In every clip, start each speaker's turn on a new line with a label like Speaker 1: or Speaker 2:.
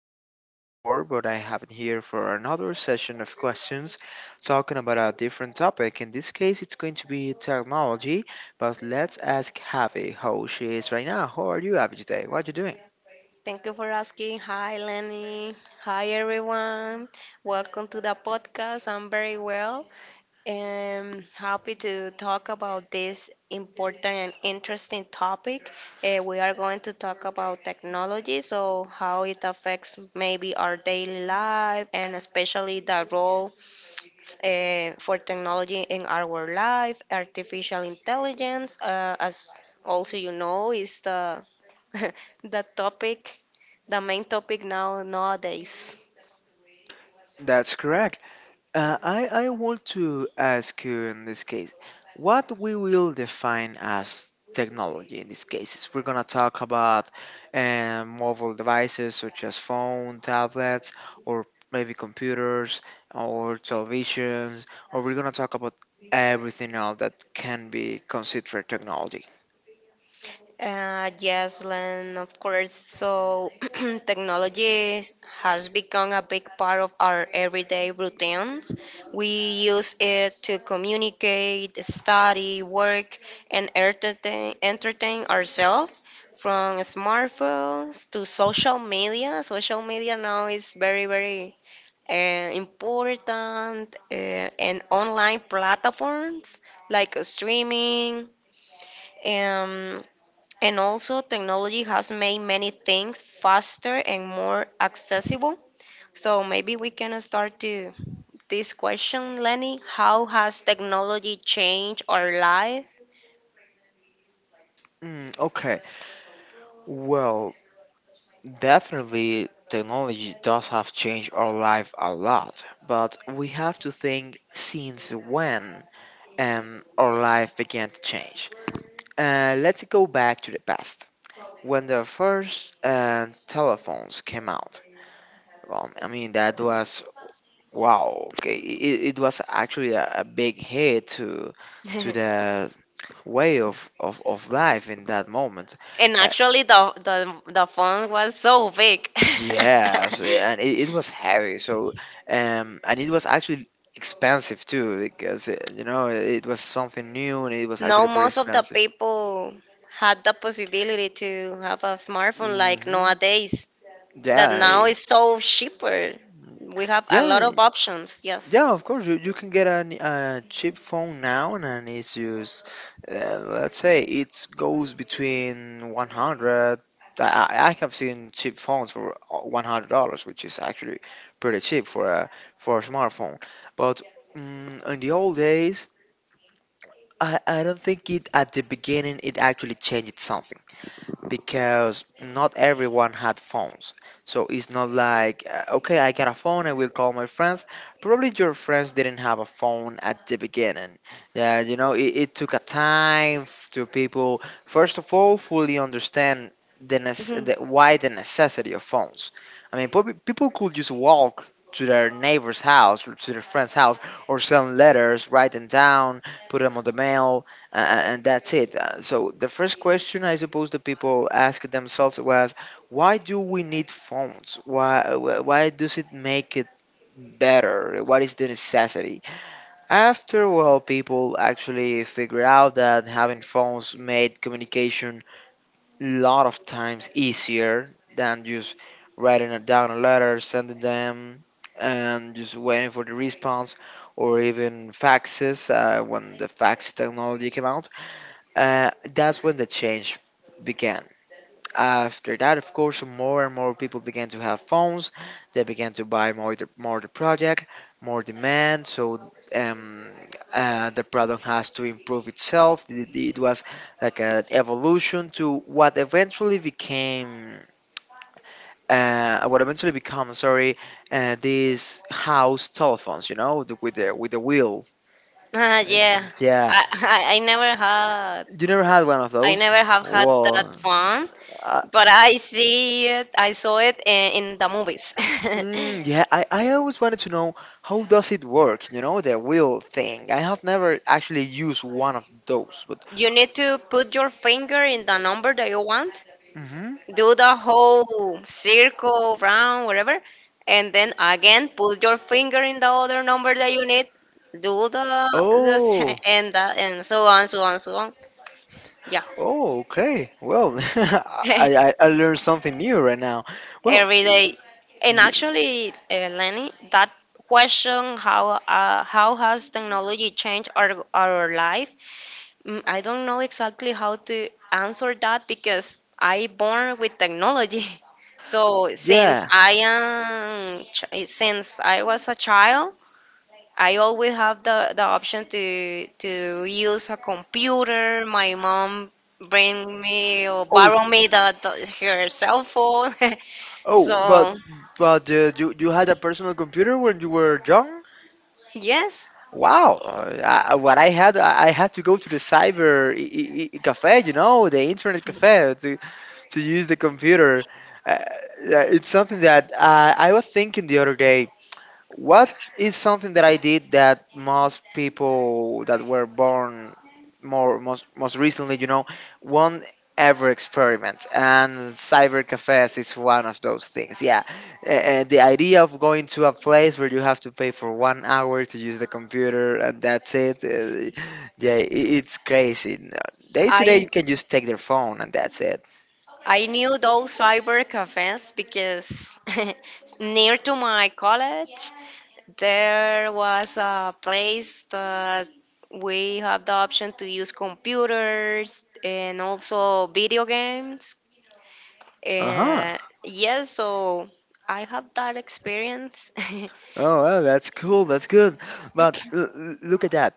Speaker 1: heard Abby before, but I have it here for another session of questions talking about a different topic. In this case, it's going to be technology, but let's ask Abby how she is right now. How are you, Abby, today? What are you doing?
Speaker 2: Thank you for asking. Hi, Lenny. Hi, everyone. Welcome to the podcast. I'm very well and happy to talk about this important and interesting topic. We are going to talk about technology, so how it affects maybe our daily life and especially the role for technology in our life, artificial intelligence, as also is the the topic, the main topic now nowadays.
Speaker 1: That's correct. I want to ask you in this case, what we will define as technology in this case? Is we're going to talk about mobile devices such as phone, tablets, or maybe computers or televisions, or we're going to talk about everything else that can be considered technology.
Speaker 2: Yes, Len, of course. So, technology has become a big part of our everyday routines. We use it to communicate, study, work, and entertain ourselves from smartphones to social media. Social media now is very, very important, and online platforms like streaming. Um, and also, technology has made many things faster and more accessible. So maybe we can start to this question, Lenny. How has technology changed our life?
Speaker 1: Okay, well, definitely, technology does have changed our life a lot, but we have to think since when our life began to change. Let's go back to the past. When the first telephones came out, I mean, that was wow, okay, it was actually a big hit to the way of life in that moment.
Speaker 2: And
Speaker 1: Uh,
Speaker 2: actually, the phone was so big.
Speaker 1: Yes, and it was heavy. So, and it was actually expensive too because you know it was something new and it was
Speaker 2: No,
Speaker 1: actually pretty
Speaker 2: most of the
Speaker 1: expensive.
Speaker 2: people had the possibility to have a smartphone like
Speaker 1: Hmm.
Speaker 2: nowadays. That
Speaker 1: Yeah,
Speaker 2: now is so cheaper. We have a lot
Speaker 1: yeah.
Speaker 2: of options. Yes.
Speaker 1: Yeah, of course you can get an a cheap phone now and it's just let's say it goes between 100. I have seen cheap phones for $100, which is actually pretty cheap for a smartphone. But mm in the old days I don't think it at the beginning it actually changed something because not everyone had phones. So it's not like, okay, I got a phone, I will call my friends. Probably your friends didn't have a phone at the beginning. Yeah, you know, it took a time f- to people, first of all, fully understand the why the necessity of phones. I mean, probably people could just walk to their neighbor's house or to their friend's house or send letters, write them down, put them on the mail uh, and that's it. So the first question I suppose that people asked themselves was, why do we need phones? Why does it make it better? What is the necessity? After well, people actually figured out that having phones made communication a lot of times easier than just writing it down a letter, sending them, and just waiting for the response, or even faxes when the fax technology came out that's when the change began. After that, of course, more and more people began to have phones. They began to buy more the project, more demand. So the product has to improve itself. It was like an evolution to what eventually became. What eventually become, sorry, these house telephones, you know, the, with the with the wheel.
Speaker 2: Uh,
Speaker 1: Uh,
Speaker 2: yeah,
Speaker 1: yeah,
Speaker 2: I never had
Speaker 1: you never had one of
Speaker 2: I
Speaker 1: those.
Speaker 2: never have had that
Speaker 1: Well,
Speaker 2: one,
Speaker 1: I,
Speaker 2: but I see it. I saw it in the movies.
Speaker 1: mm, yeah, I always wanted to know how does it work, you know, the wheel thing. I have never actually used one of those, but
Speaker 2: You need to put your finger in the number that you want,
Speaker 1: hmm
Speaker 2: do the whole circle, round, whatever, and then again put your finger in the other number that you need, do the this
Speaker 1: oh,
Speaker 2: and the, and so on, so on, so on. Yeah.
Speaker 1: oh, okay. Well, I, I I learned something new right now. Well,
Speaker 2: Every day. And
Speaker 1: y-
Speaker 2: actually, Lenny, that question, how how has technology changed our life? I don't know exactly how to answer that because I born with technology. So
Speaker 1: yeah.
Speaker 2: since I was a child, I always have the option to use a computer. My mom bring me or
Speaker 1: Oh,
Speaker 2: borrow me the her cell phone.
Speaker 1: oh,
Speaker 2: So
Speaker 1: but you had a personal computer when you were young?
Speaker 2: yes,
Speaker 1: Wow. I, what I had, I had to go to the cyber cafe, you know, the internet cafe to use the computer. Uh, yeah, it's something that I was thinking the other day. What is something that I did that most people that were born more most most recently, you know, won't ever experiment? And cyber cafes is one of those things. Yeah, and the idea of going to a place where you have to pay for 1 hour to use the computer and that's it. Yeah, it's crazy. Day to
Speaker 2: I
Speaker 1: day, you can just take their phone and that's it.
Speaker 2: I knew those cyber cafes because near to my college there was a place that we have the option to use computers and also video games.
Speaker 1: Uh huh.
Speaker 2: And yes, so I have that experience.
Speaker 1: Oh, well, that's cool. That's good. But look at that.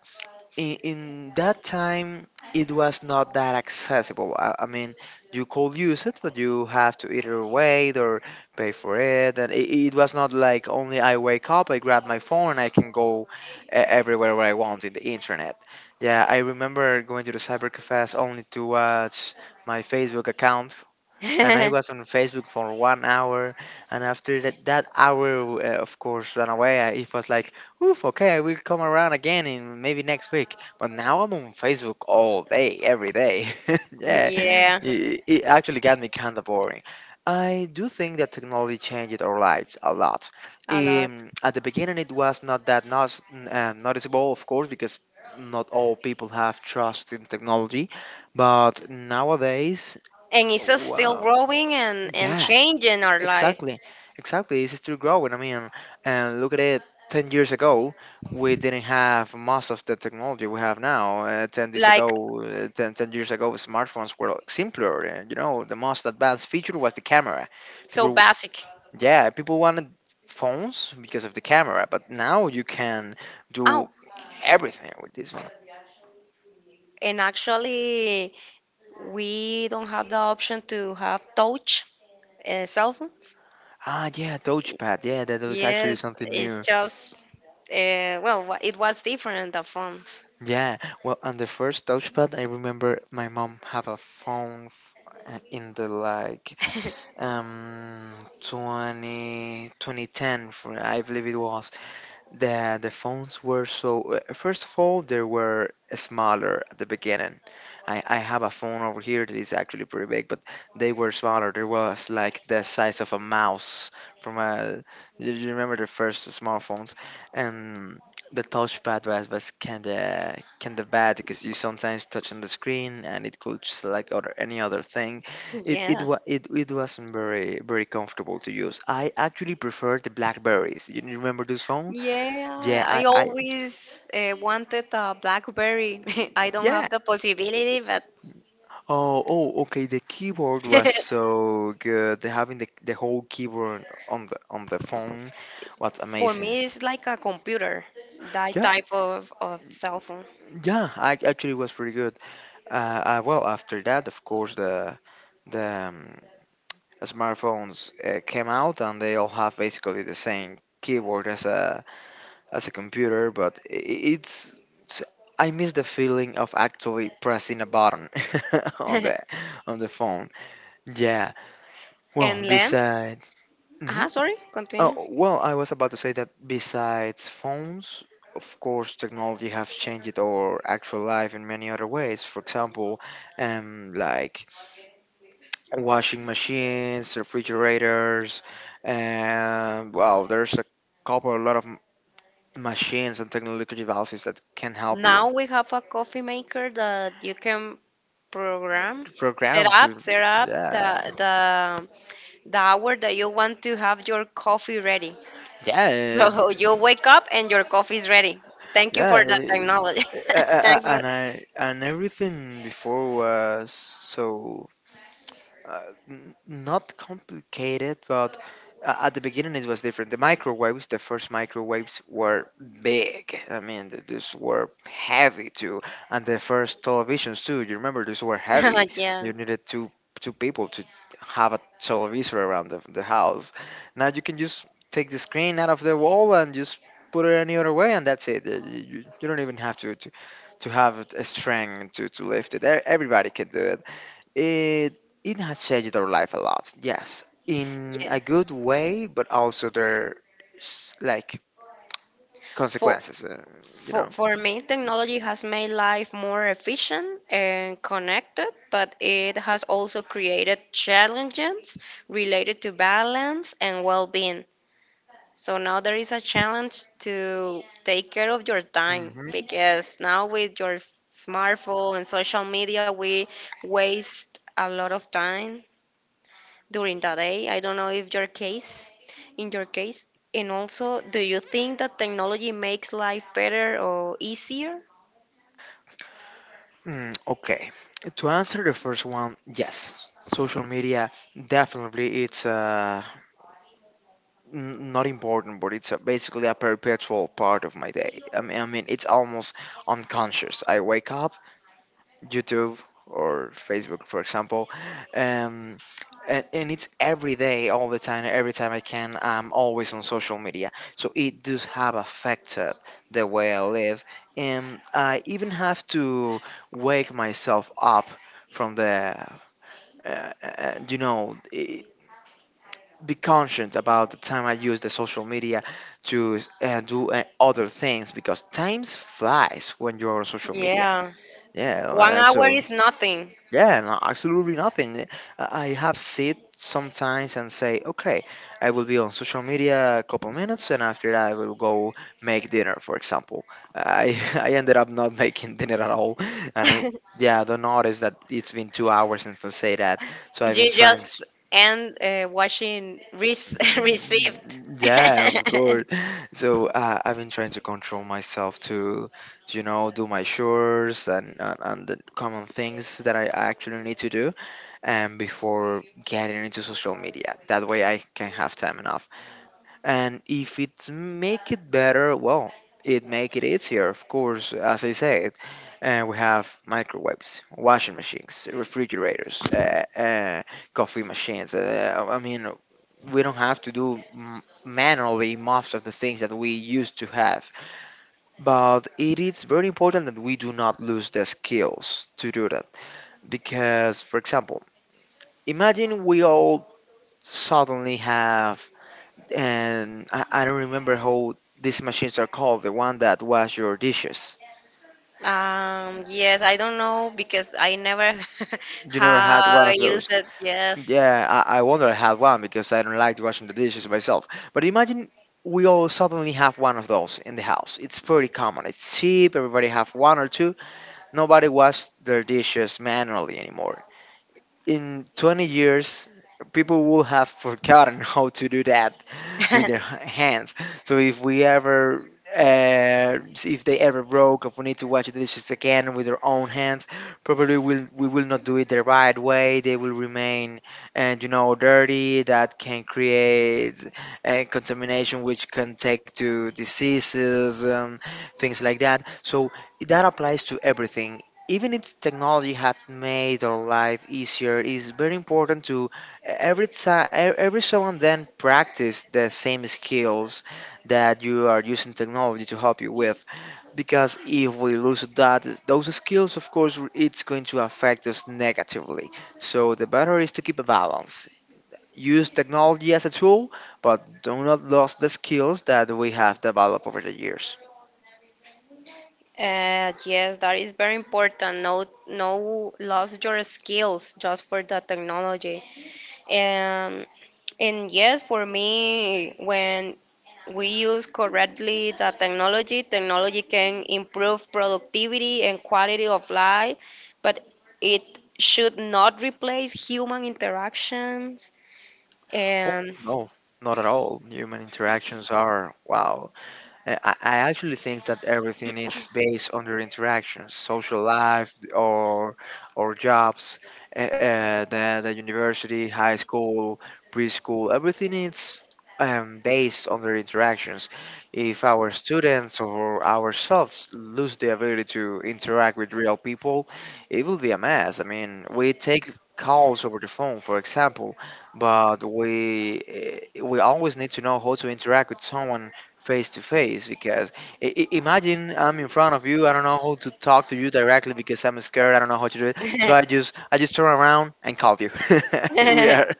Speaker 1: In that time, it was not that accessible. I mean, you could use it, but you have to either wait or pay for it. And it was not like only I wake up, I grab my phone, I can go everywhere where I want in the internet. Yeah, I remember going to the cyber cafes only to watch my Facebook account and I was on Facebook for 1 hour. And after that, that hour, of course, ran away. It was like, oof, okay, I will come around again in maybe next week. But now I'm on Facebook all day, every day. Yeah,
Speaker 2: Yeah,
Speaker 1: it actually got me kind of boring. I do think that technology changed our lives a lot.
Speaker 2: a lot.
Speaker 1: At the beginning, it was not that not, noticeable, of course, because not all people have trust in technology. But nowadays,
Speaker 2: And it's just still
Speaker 1: wow,
Speaker 2: growing and
Speaker 1: yeah,
Speaker 2: changing our life.
Speaker 1: exactly. Exactly. It's still growing. I mean, and look at it 10 years ago, we didn't have most of the technology we have now. 10 years
Speaker 2: Like
Speaker 1: ago, ten years ago, smartphones were simpler. And, you know, the most advanced feature was the camera.
Speaker 2: so
Speaker 1: People,
Speaker 2: basic.
Speaker 1: yeah, people wanted phones because of the camera, but now you can
Speaker 2: Oh,
Speaker 1: do everything with this one.
Speaker 2: and actually, we don't have the option to have touch cell phones.
Speaker 1: Ah, yeah, touchpad. Yeah, that was actually
Speaker 2: Yes,
Speaker 1: something
Speaker 2: it's
Speaker 1: new.
Speaker 2: just, it was different, the phones.
Speaker 1: Yeah, well, on the first touchpad, I remember my mom have in the like um 20 2010 for I believe it was, the phones were so first of all they were smaller at the beginning. I have a phone over here that is actually pretty big, but they were smaller. There was like the size of a mouse from a you remember the first smartphones and the touchpad was kinda bad because you sometimes touch on the screen and it could just like other any other thing.
Speaker 2: Yeah.
Speaker 1: It wasn't very comfortable to use. I actually prefer the Blackberries. You remember those phones?
Speaker 2: Yeah,
Speaker 1: Yeah,
Speaker 2: I always wanted a BlackBerry. I don't have
Speaker 1: yeah.
Speaker 2: the possibility, but
Speaker 1: Oh, oh, okay. The keyboard was so good. The- Having the whole keyboard on the phone was
Speaker 2: for
Speaker 1: amazing.
Speaker 2: me, it's like a computer, that
Speaker 1: Yeah,
Speaker 2: type of cell phone.
Speaker 1: yeah. I actually was pretty good. Well, after that, of course, the smartphones came out, and they all have basically the same keyboard as a computer, but it's. it's- I miss the feeling of actually pressing a button on the on the phone. Yeah, well,
Speaker 2: And Len?
Speaker 1: besides, hmm
Speaker 2: Ah, sorry, continue.
Speaker 1: oh, well, I was about to say that besides phones, of course, technology has changed our actual life in many other ways. For example, like washing machines, refrigerators, and well, there's a couple, a lot of machines and technological devices that can help you
Speaker 2: Now we have a coffee maker that you can program,
Speaker 1: program to,
Speaker 2: set up
Speaker 1: yeah,
Speaker 2: the hour that you want to have your coffee ready.
Speaker 1: yeah.
Speaker 2: So you wake up and your coffee is ready. Thank you
Speaker 1: Yeah,
Speaker 2: for that technology.
Speaker 1: eh, eh,
Speaker 2: Thanks for
Speaker 1: and I and everything before was so uh, not complicated, but at the beginning it was different. The microwaves, the first microwaves were big. I mean, these were heavy too, and the first televisions too. You remember these were heavy.
Speaker 2: yeah.
Speaker 1: You needed two people to have a television around the house. Now you can just take the screen out of the wall and just put it any other way, and that's it. You don't even have to, to have a strength to lift it. E- Everybody can do it it it has changed their life a lot. Yes, in
Speaker 2: Yeah.
Speaker 1: a good way, but also their like
Speaker 2: For,
Speaker 1: consequences. You know.
Speaker 2: for me, technology has made life more efficient and connected, but it has also created challenges related to balance and well being. So now there is a challenge to take care of your time
Speaker 1: Mhm.
Speaker 2: because now with your smartphone and social media, we waste a lot of time during the day. I don't know if your case, in your case, and also, do you think that technology makes life better or easier?
Speaker 1: Mm, okay. To answer the first one, yes. Social media definitely it's not important, but it's basically a perpetual part of my day. I mean, it's almost unconscious. I wake up, YouTube or Facebook, for example. Um, and it's every day, all the time, every time I can, I'm always on social media. So it does have affected the way I live. And I even have to wake myself up from the, you know, I be conscious about the time I use the social media to do other things because times flies when you're on social media.
Speaker 2: Yeah,
Speaker 1: Yeah,
Speaker 2: one hour
Speaker 1: so
Speaker 2: is nothing.
Speaker 1: yeah, no, absolutely nothing. Eh, I have sit sometimes and say, okay, I will be on social media a couple minutes, and after that, I will go make dinner, for example. I I ended up not making dinner at all, and I yeah, I don't notice that it's been 2 hours since I say that. So I've been
Speaker 2: You
Speaker 1: trying. To,
Speaker 2: just end watching re- received.
Speaker 1: yeah, of course. So I've been trying to control myself to, you know, do my chores and and the common things that I actually need to do and before getting into social media. That way I can have time enough. And if it make it better, well, it make it easier, of course. As I said, we have microwaves, washing machines, refrigerators, coffee machines. I mean, we don't have to do manually most of the things that we used to have. But it is very important that we do not lose the skills to do that. Because, for example, imagine we all suddenly have, and I don't remember how these machines are called, the one that wash your dishes.
Speaker 2: Yes, I don't know because I never
Speaker 1: You never had
Speaker 2: have
Speaker 1: one of those?
Speaker 2: used it. Yes.
Speaker 1: Yeah, I wonder I had one because I don't like washing the dishes myself. But imagine we all suddenly have one of those in the house. It's pretty common, it's cheap, everybody have one or two. Nobody washes their dishes manually anymore. In 20 years, people will have forgotten how to do that with their hands. So if we ever see if they ever broke, if we need to wash the dishes again with their own hands, probably will we will not do it the right way. They will remain, and you know, dirty. That can create contamination, which can take to diseases, things like that. So that applies to everything. Even if technology had made our life easier, it's very important to every time every so and then practice the same skills that you are using technology to help you with, because if we lose that those skills, of course it's going to affect us negatively. So the better is to keep a balance. Use technology as a tool, but do not lose the skills that we have developed over the years.
Speaker 2: Yes, that is very important. No, no, lose your skills just for the technology. Um, and yes, for me, when we use correctly the technology, technology can improve productivity and quality of life, but it should not replace human interactions.
Speaker 1: Oh,
Speaker 2: And
Speaker 1: no, not at all, human interactions are wow. I actually think that everything is based on their interactions, social life, or jobs, the university, high school, preschool. Everything is based on their interactions. If our students or ourselves lose the ability to interact with real people, it will be a mess. I mean, we take calls over the phone, for example, but we we always need to know how to interact with someone face to face, because imagine I'm in front of you. I don't know how to talk to you directly because I'm scared. I don't know how to do it. So I just turn around and call you. We are,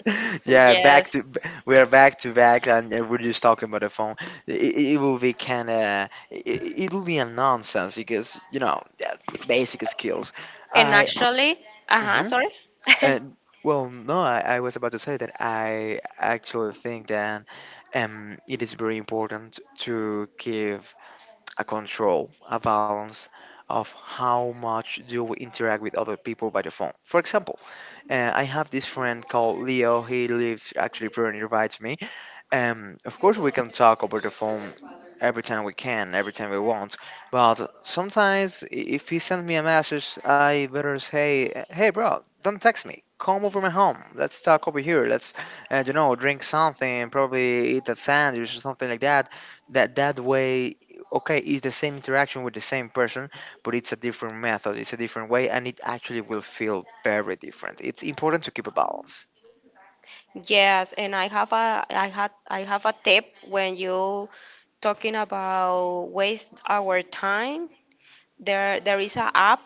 Speaker 1: yeah, back
Speaker 2: yes.
Speaker 1: to, we are back to back, and we're just talking by the phone. It will be kind of, it will be a nonsense, because you know, yeah, basic skills.
Speaker 2: And
Speaker 1: I
Speaker 2: actually, uh-huh,
Speaker 1: mhm.
Speaker 2: sorry.
Speaker 1: And well, no, I was about to say that I actually think that it is very important to give a control, a balance of how much do we interact with other people by the phone. For example, I have this friend called Leo. He lives actually pretty nearby to me. Of course, we can talk over the phone every time we can, every time we want. But sometimes, if he sends me a message, I better say, "Hey, bro, don't text me. Come over my home. Let's talk over here. Let's, you know, drink something. Probably eat that sandwich or something like that." That way, okay, it's the same interaction with the same person, but it's a different method. It's a different way, and it actually will feel very different. It's important to keep a balance.
Speaker 2: Yes, and I have a I had I have a tip when you talking about waste our time. There is a app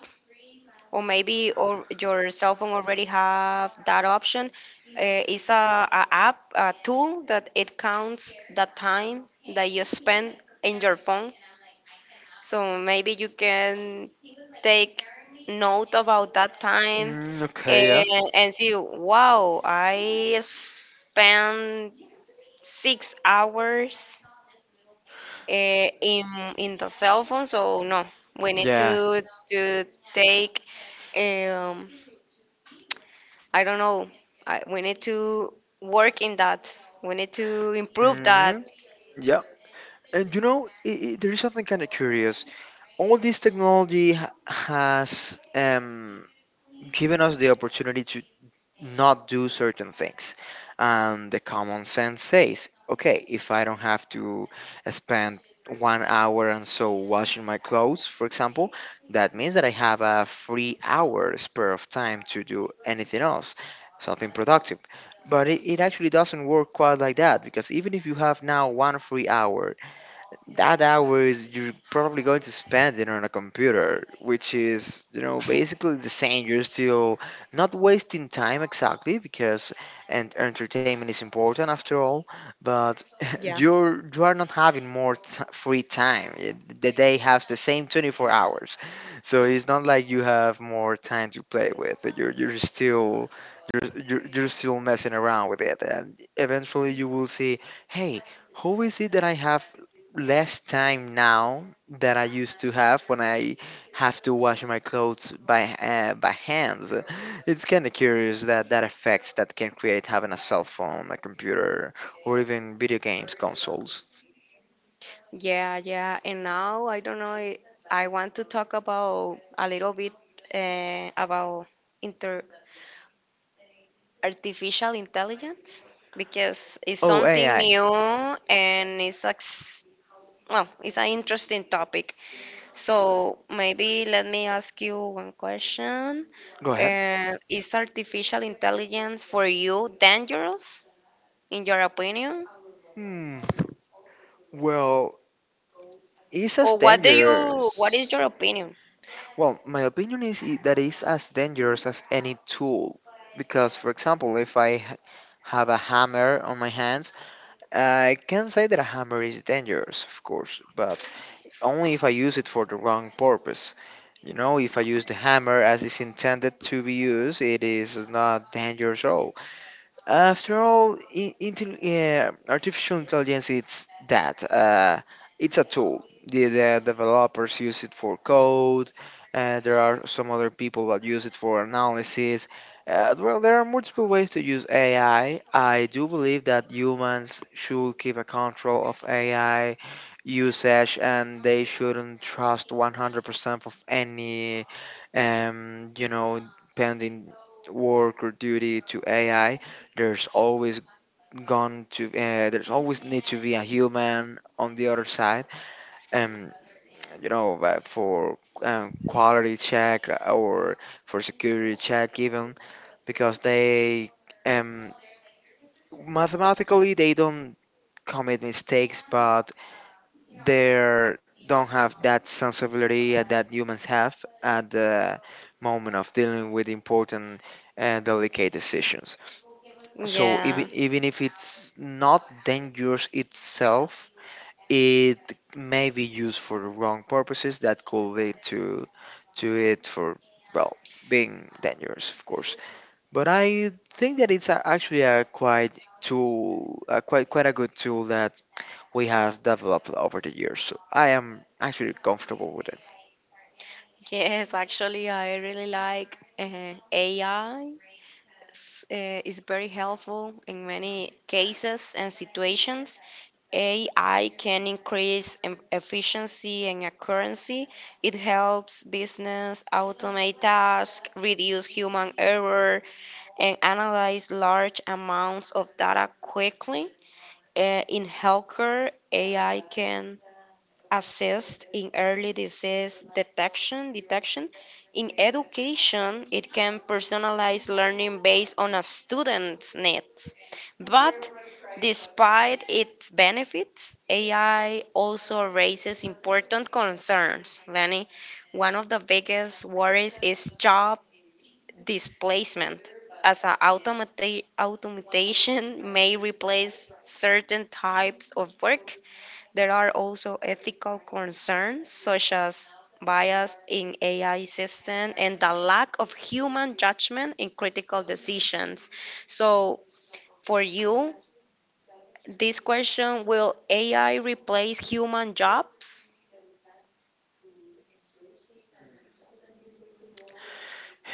Speaker 2: or maybe or your cell phone already have that option. It's a app, a tool that it counts the time that you spend in your phone. So maybe you can take note about that time
Speaker 1: Mm, okay, yeah,
Speaker 2: and, and see, wow, I spent 6 hours eh, in, in the cell phone. So no, we need
Speaker 1: yeah.
Speaker 2: to take, um, I don't know, I, we need to work in that. We need to improve that.
Speaker 1: Mhm. Yeah, and you know, I there is something kind of curious. All this technology has given us the opportunity to not do certain things, and the common sense says, okay, if I don't have to spend 1 hour and so washing my clothes, for example, that means that I have a free hour spare of time to do anything else, something productive. But it actually doesn't work quite like that, because even if you have now one free hour, that hours you're probably going to spend it on a computer, which is, you know, basically the same. You're still not wasting time exactly, because and entertainment is important after all, but you are not having more free time. The day has the same 24 hours, so it's not like you have more time to play with. You're still you're still messing around with it, and eventually you will see, hey, who is it that I have less time now that I used to have when I have to wash my clothes by hands. It's kind of curious that that effects that can create having a cell phone, a computer, or even video games consoles.
Speaker 2: Yeah, yeah. And now I don't know. I want to talk about a little bit about inter artificial intelligence because it's
Speaker 1: Oh,
Speaker 2: something
Speaker 1: AI.
Speaker 2: new and it's ex well, it's an interesting topic. So maybe let me ask you one question.
Speaker 1: Go ahead.
Speaker 2: Is artificial intelligence for you dangerous in your opinion?
Speaker 1: Hmm. Well, it's as
Speaker 2: Or what do you, what is
Speaker 1: dangerous.
Speaker 2: your opinion?
Speaker 1: Well, my opinion is that it's as dangerous as any tool. Because, for example, if have a hammer on my hands, I can say that a hammer is dangerous, of course, but only if I use it for the wrong purpose. You know, if I use the hammer as it's intended to be used, it is not dangerous at all. After all, yeah, artificial intelligence it's that. It's a tool. The developers use it for code. There are some other people that use it for analysis. Well, there are multiple ways to use AI. I do believe that humans should keep a control of AI usage, and they shouldn't trust 100% of any, you know, pending work or duty to AI. There's always gone to there's always need to be a human on the other side, and you know for quality check or for security check even, because they um mathematically they don't commit mistakes, but they don't have that sensibility that humans have at the moment of dealing with important and delicate decisions. So even
Speaker 2: Yeah.
Speaker 1: if it's not dangerous itself, it may be used for the wrong purposes that could lead to it for, well, being dangerous, of course. But I think that it's a, actually a quite tool, a quite a good tool that we have developed over the years. So I am actually comfortable with it.
Speaker 2: Yes, actually, I really like AI. It's, is very helpful in many cases and situations. AI can increase em- efficiency and accuracy. It helps business automate tasks, reduce human error, and analyze large amounts of data quickly. In healthcare, AI can assist in early disease detection in education. It can personalize learning based on a student's needs, but despite its benefits, AI also raises important concerns, Lenny. One of the biggest worries is job displacement, as automation may replace certain types of work. There are also ethical concerns such as bias in AI systems and the lack of human judgment in critical decisions. So, for you, this question: will AI replace human jobs?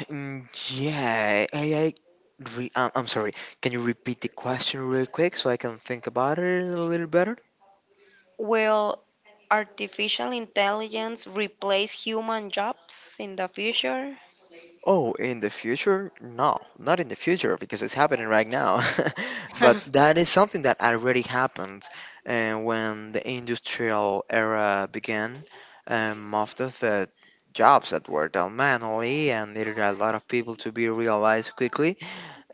Speaker 1: Mm, yeah, I'm sorry. Can you repeat the question really quick so I can think about it a little better?
Speaker 2: Will artificial intelligence replace human jobs in the future?
Speaker 1: Oh, in the future? No, not in the future, because it's happening right now. But that is something that already happened when the industrial era began. Most of the jobs that were done manually and needed a lot of people to be realized quickly,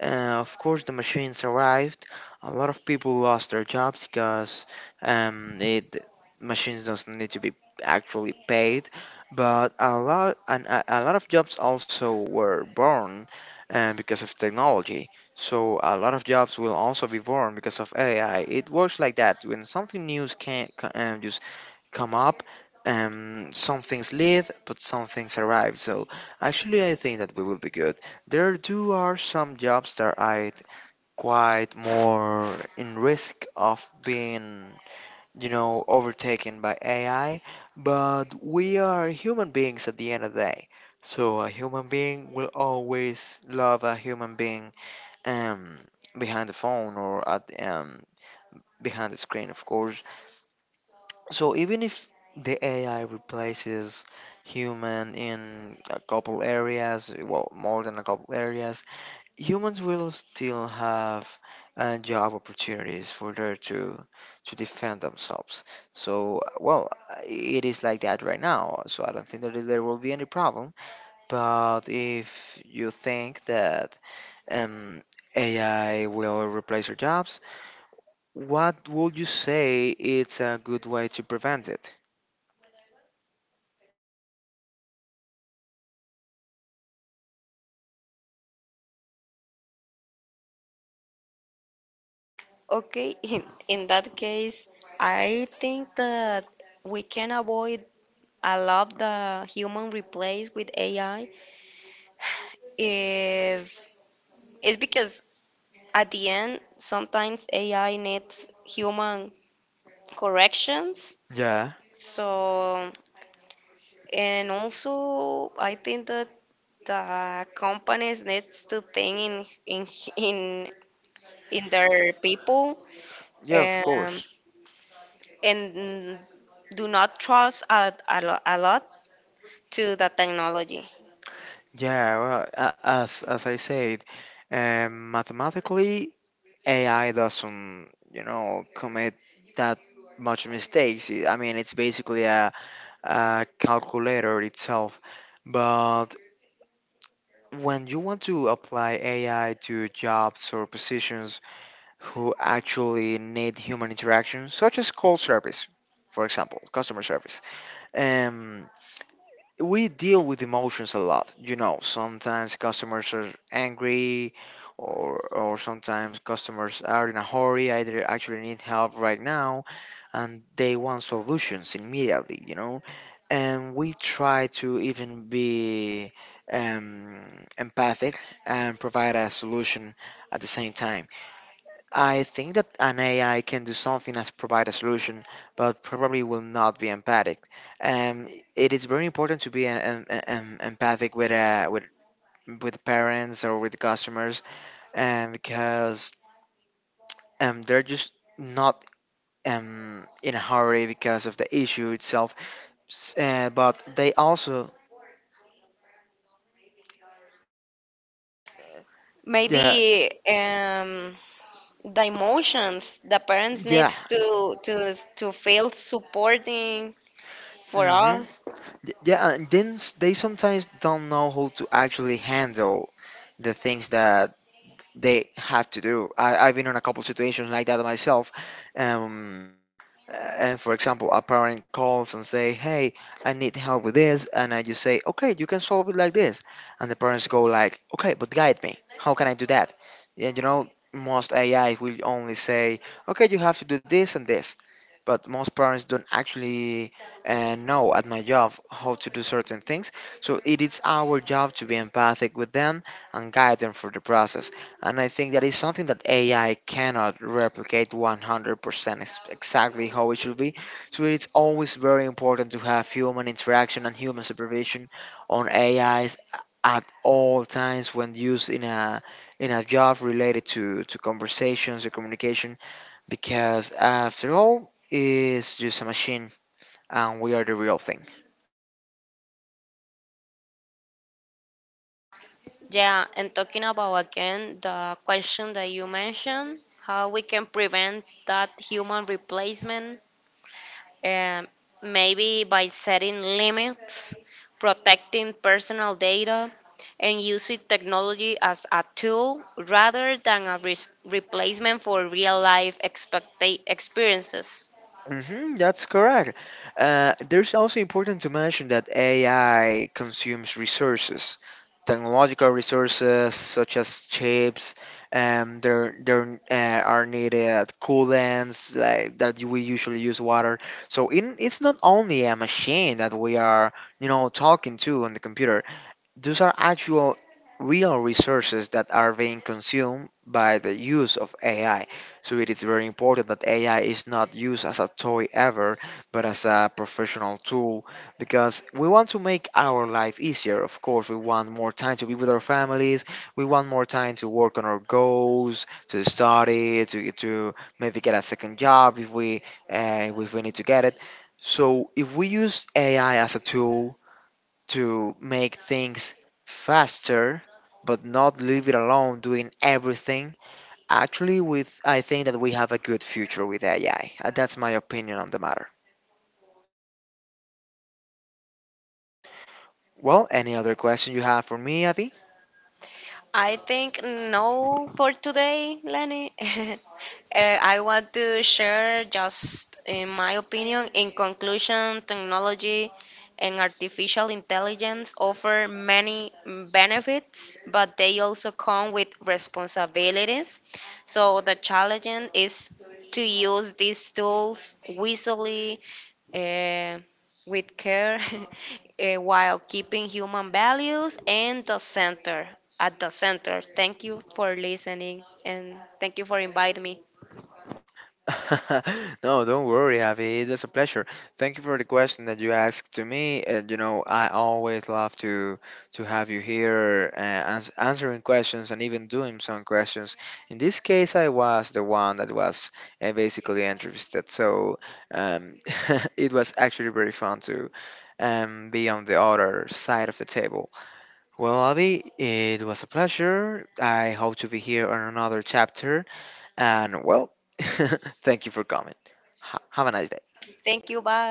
Speaker 1: of course, the machines arrived. A lot of people lost their jobs because um, it, machines doesn't need to be actually paid. But a lot of jobs also were born because of technology. So a lot of jobs will also be born because of AI. It works like that. When something new can, um, come up, and some things leave but some things arrive. So actually I think that we will be good. There do are some jobs that are quite more in risk of being, you know, overtaken by AI, but we are human beings at the end of the day. So a human being will always love a human being, um behind the phone, or at behind the screen, of course. So even if the AI replaces human in a couple areas, well, more than a couple areas, humans will still have job opportunities for there to defend themselves. So, well, it is like that right now. So I don't think that there will be any problem. But if you think that um, AI will replace your jobs, what would you say it's a good way to prevent it?
Speaker 2: Okay, in that case, I think that we can avoid I love the human replace with AI. If it's because at the end, sometimes AI needs human corrections.
Speaker 1: Yeah,
Speaker 2: So, and also, I think that the companies needs to think in in in, in their people,
Speaker 1: yeah, of
Speaker 2: um,
Speaker 1: course.
Speaker 2: and do not trust a, lo- a lot to the technology.
Speaker 1: Yeah, well, as I said, mathematically, AI doesn't, you know, commit that much mistakes. I mean, it's basically a calculator itself. But when you want to apply AI to jobs or positions who actually need human interaction, such as call service, for example, customer service, um, we deal with emotions a lot. You know, sometimes customers are angry, or sometimes customers are in a hurry. Either actually need help right now, and they want solutions immediately. You know, and we try to even be um, empathic and provide a solution at the same time. I think that an AI can do something as provide a solution, but probably will not be empathic. Um, it is very important to be empathic with with parents or with customers, because they're just not in a hurry because of the issue itself. But they also, yeah,
Speaker 2: Maybe the emotions the parents
Speaker 1: yeah,
Speaker 2: needs to feel supporting for
Speaker 1: mm-hmm,
Speaker 2: us.
Speaker 1: yeah, and then they sometimes don't know how to actually handle the things that they have to do. I've been in a couple situations like that myself. Um, and for example, a parent calls and say, "Hey, I need help with this," and I just say, "Okay, you can solve it like this," and the parents go like, "Okay, but guide me. How can I do that?" Yeah, you know, most AI will only say, "Okay, you have to do this and this," but most parents don't actually know at my job how to do certain things. So it is our job to be empathic with them and guide them for the process. And I think that is something that AI cannot replicate 100% exactly how it should be. So it's always very important to have human interaction and human supervision on AIs at all times when used in a job related to conversations or communication, because after all, it's just a machine, and we are the real thing.
Speaker 2: Yeah, and talking about again the question that you mentioned how we can prevent that human replacement. um, Maybe by setting limits, protecting personal data, and using technology as a tool rather than a res- replacement for real life expecta- experiences.
Speaker 1: Hmm, that's correct. There's also important to mention that AI consumes resources, technological resources such as chips, and there are needed coolants like that we usually use water. So in, it's not only a machine that we are, you know, talking to on the computer. Those are actual real resources that are being consumed by the use of AI. So it is very important that AI is not used as a toy ever, but as a professional tool, because we want to make our life easier. Of course, we want more time to be with our families, we want more time to work on our goals, to study, to maybe get a second job if we need to get it. So if we use AI as a tool to make things faster but not leave it alone doing everything, actually with I think that we have a good future with AI. That's my opinion on the matter. Well, any other question you have for me, Avi?
Speaker 2: I think no for today, Lenny. I want to share just in my opinion. In conclusion, technology and artificial intelligence offer many benefits, but they also come with responsibilities. So the challenge is to use these tools wisely, uh, with care, while keeping human values and the center at the center. Thank you for listening and thank you for inviting me.
Speaker 1: No, don't worry, Javi. It was a pleasure. Thank you for the question that you asked to me. And you know, I always love to have you here, answering questions and even doing some questions. In this case, I was the one that was basically interested, so um, it was actually very fun to be on the other side of the table. Well, Avi, it was a pleasure. I hope to be here on another chapter. And well, thank you for coming. Have a nice day.
Speaker 2: Thank you. Bye.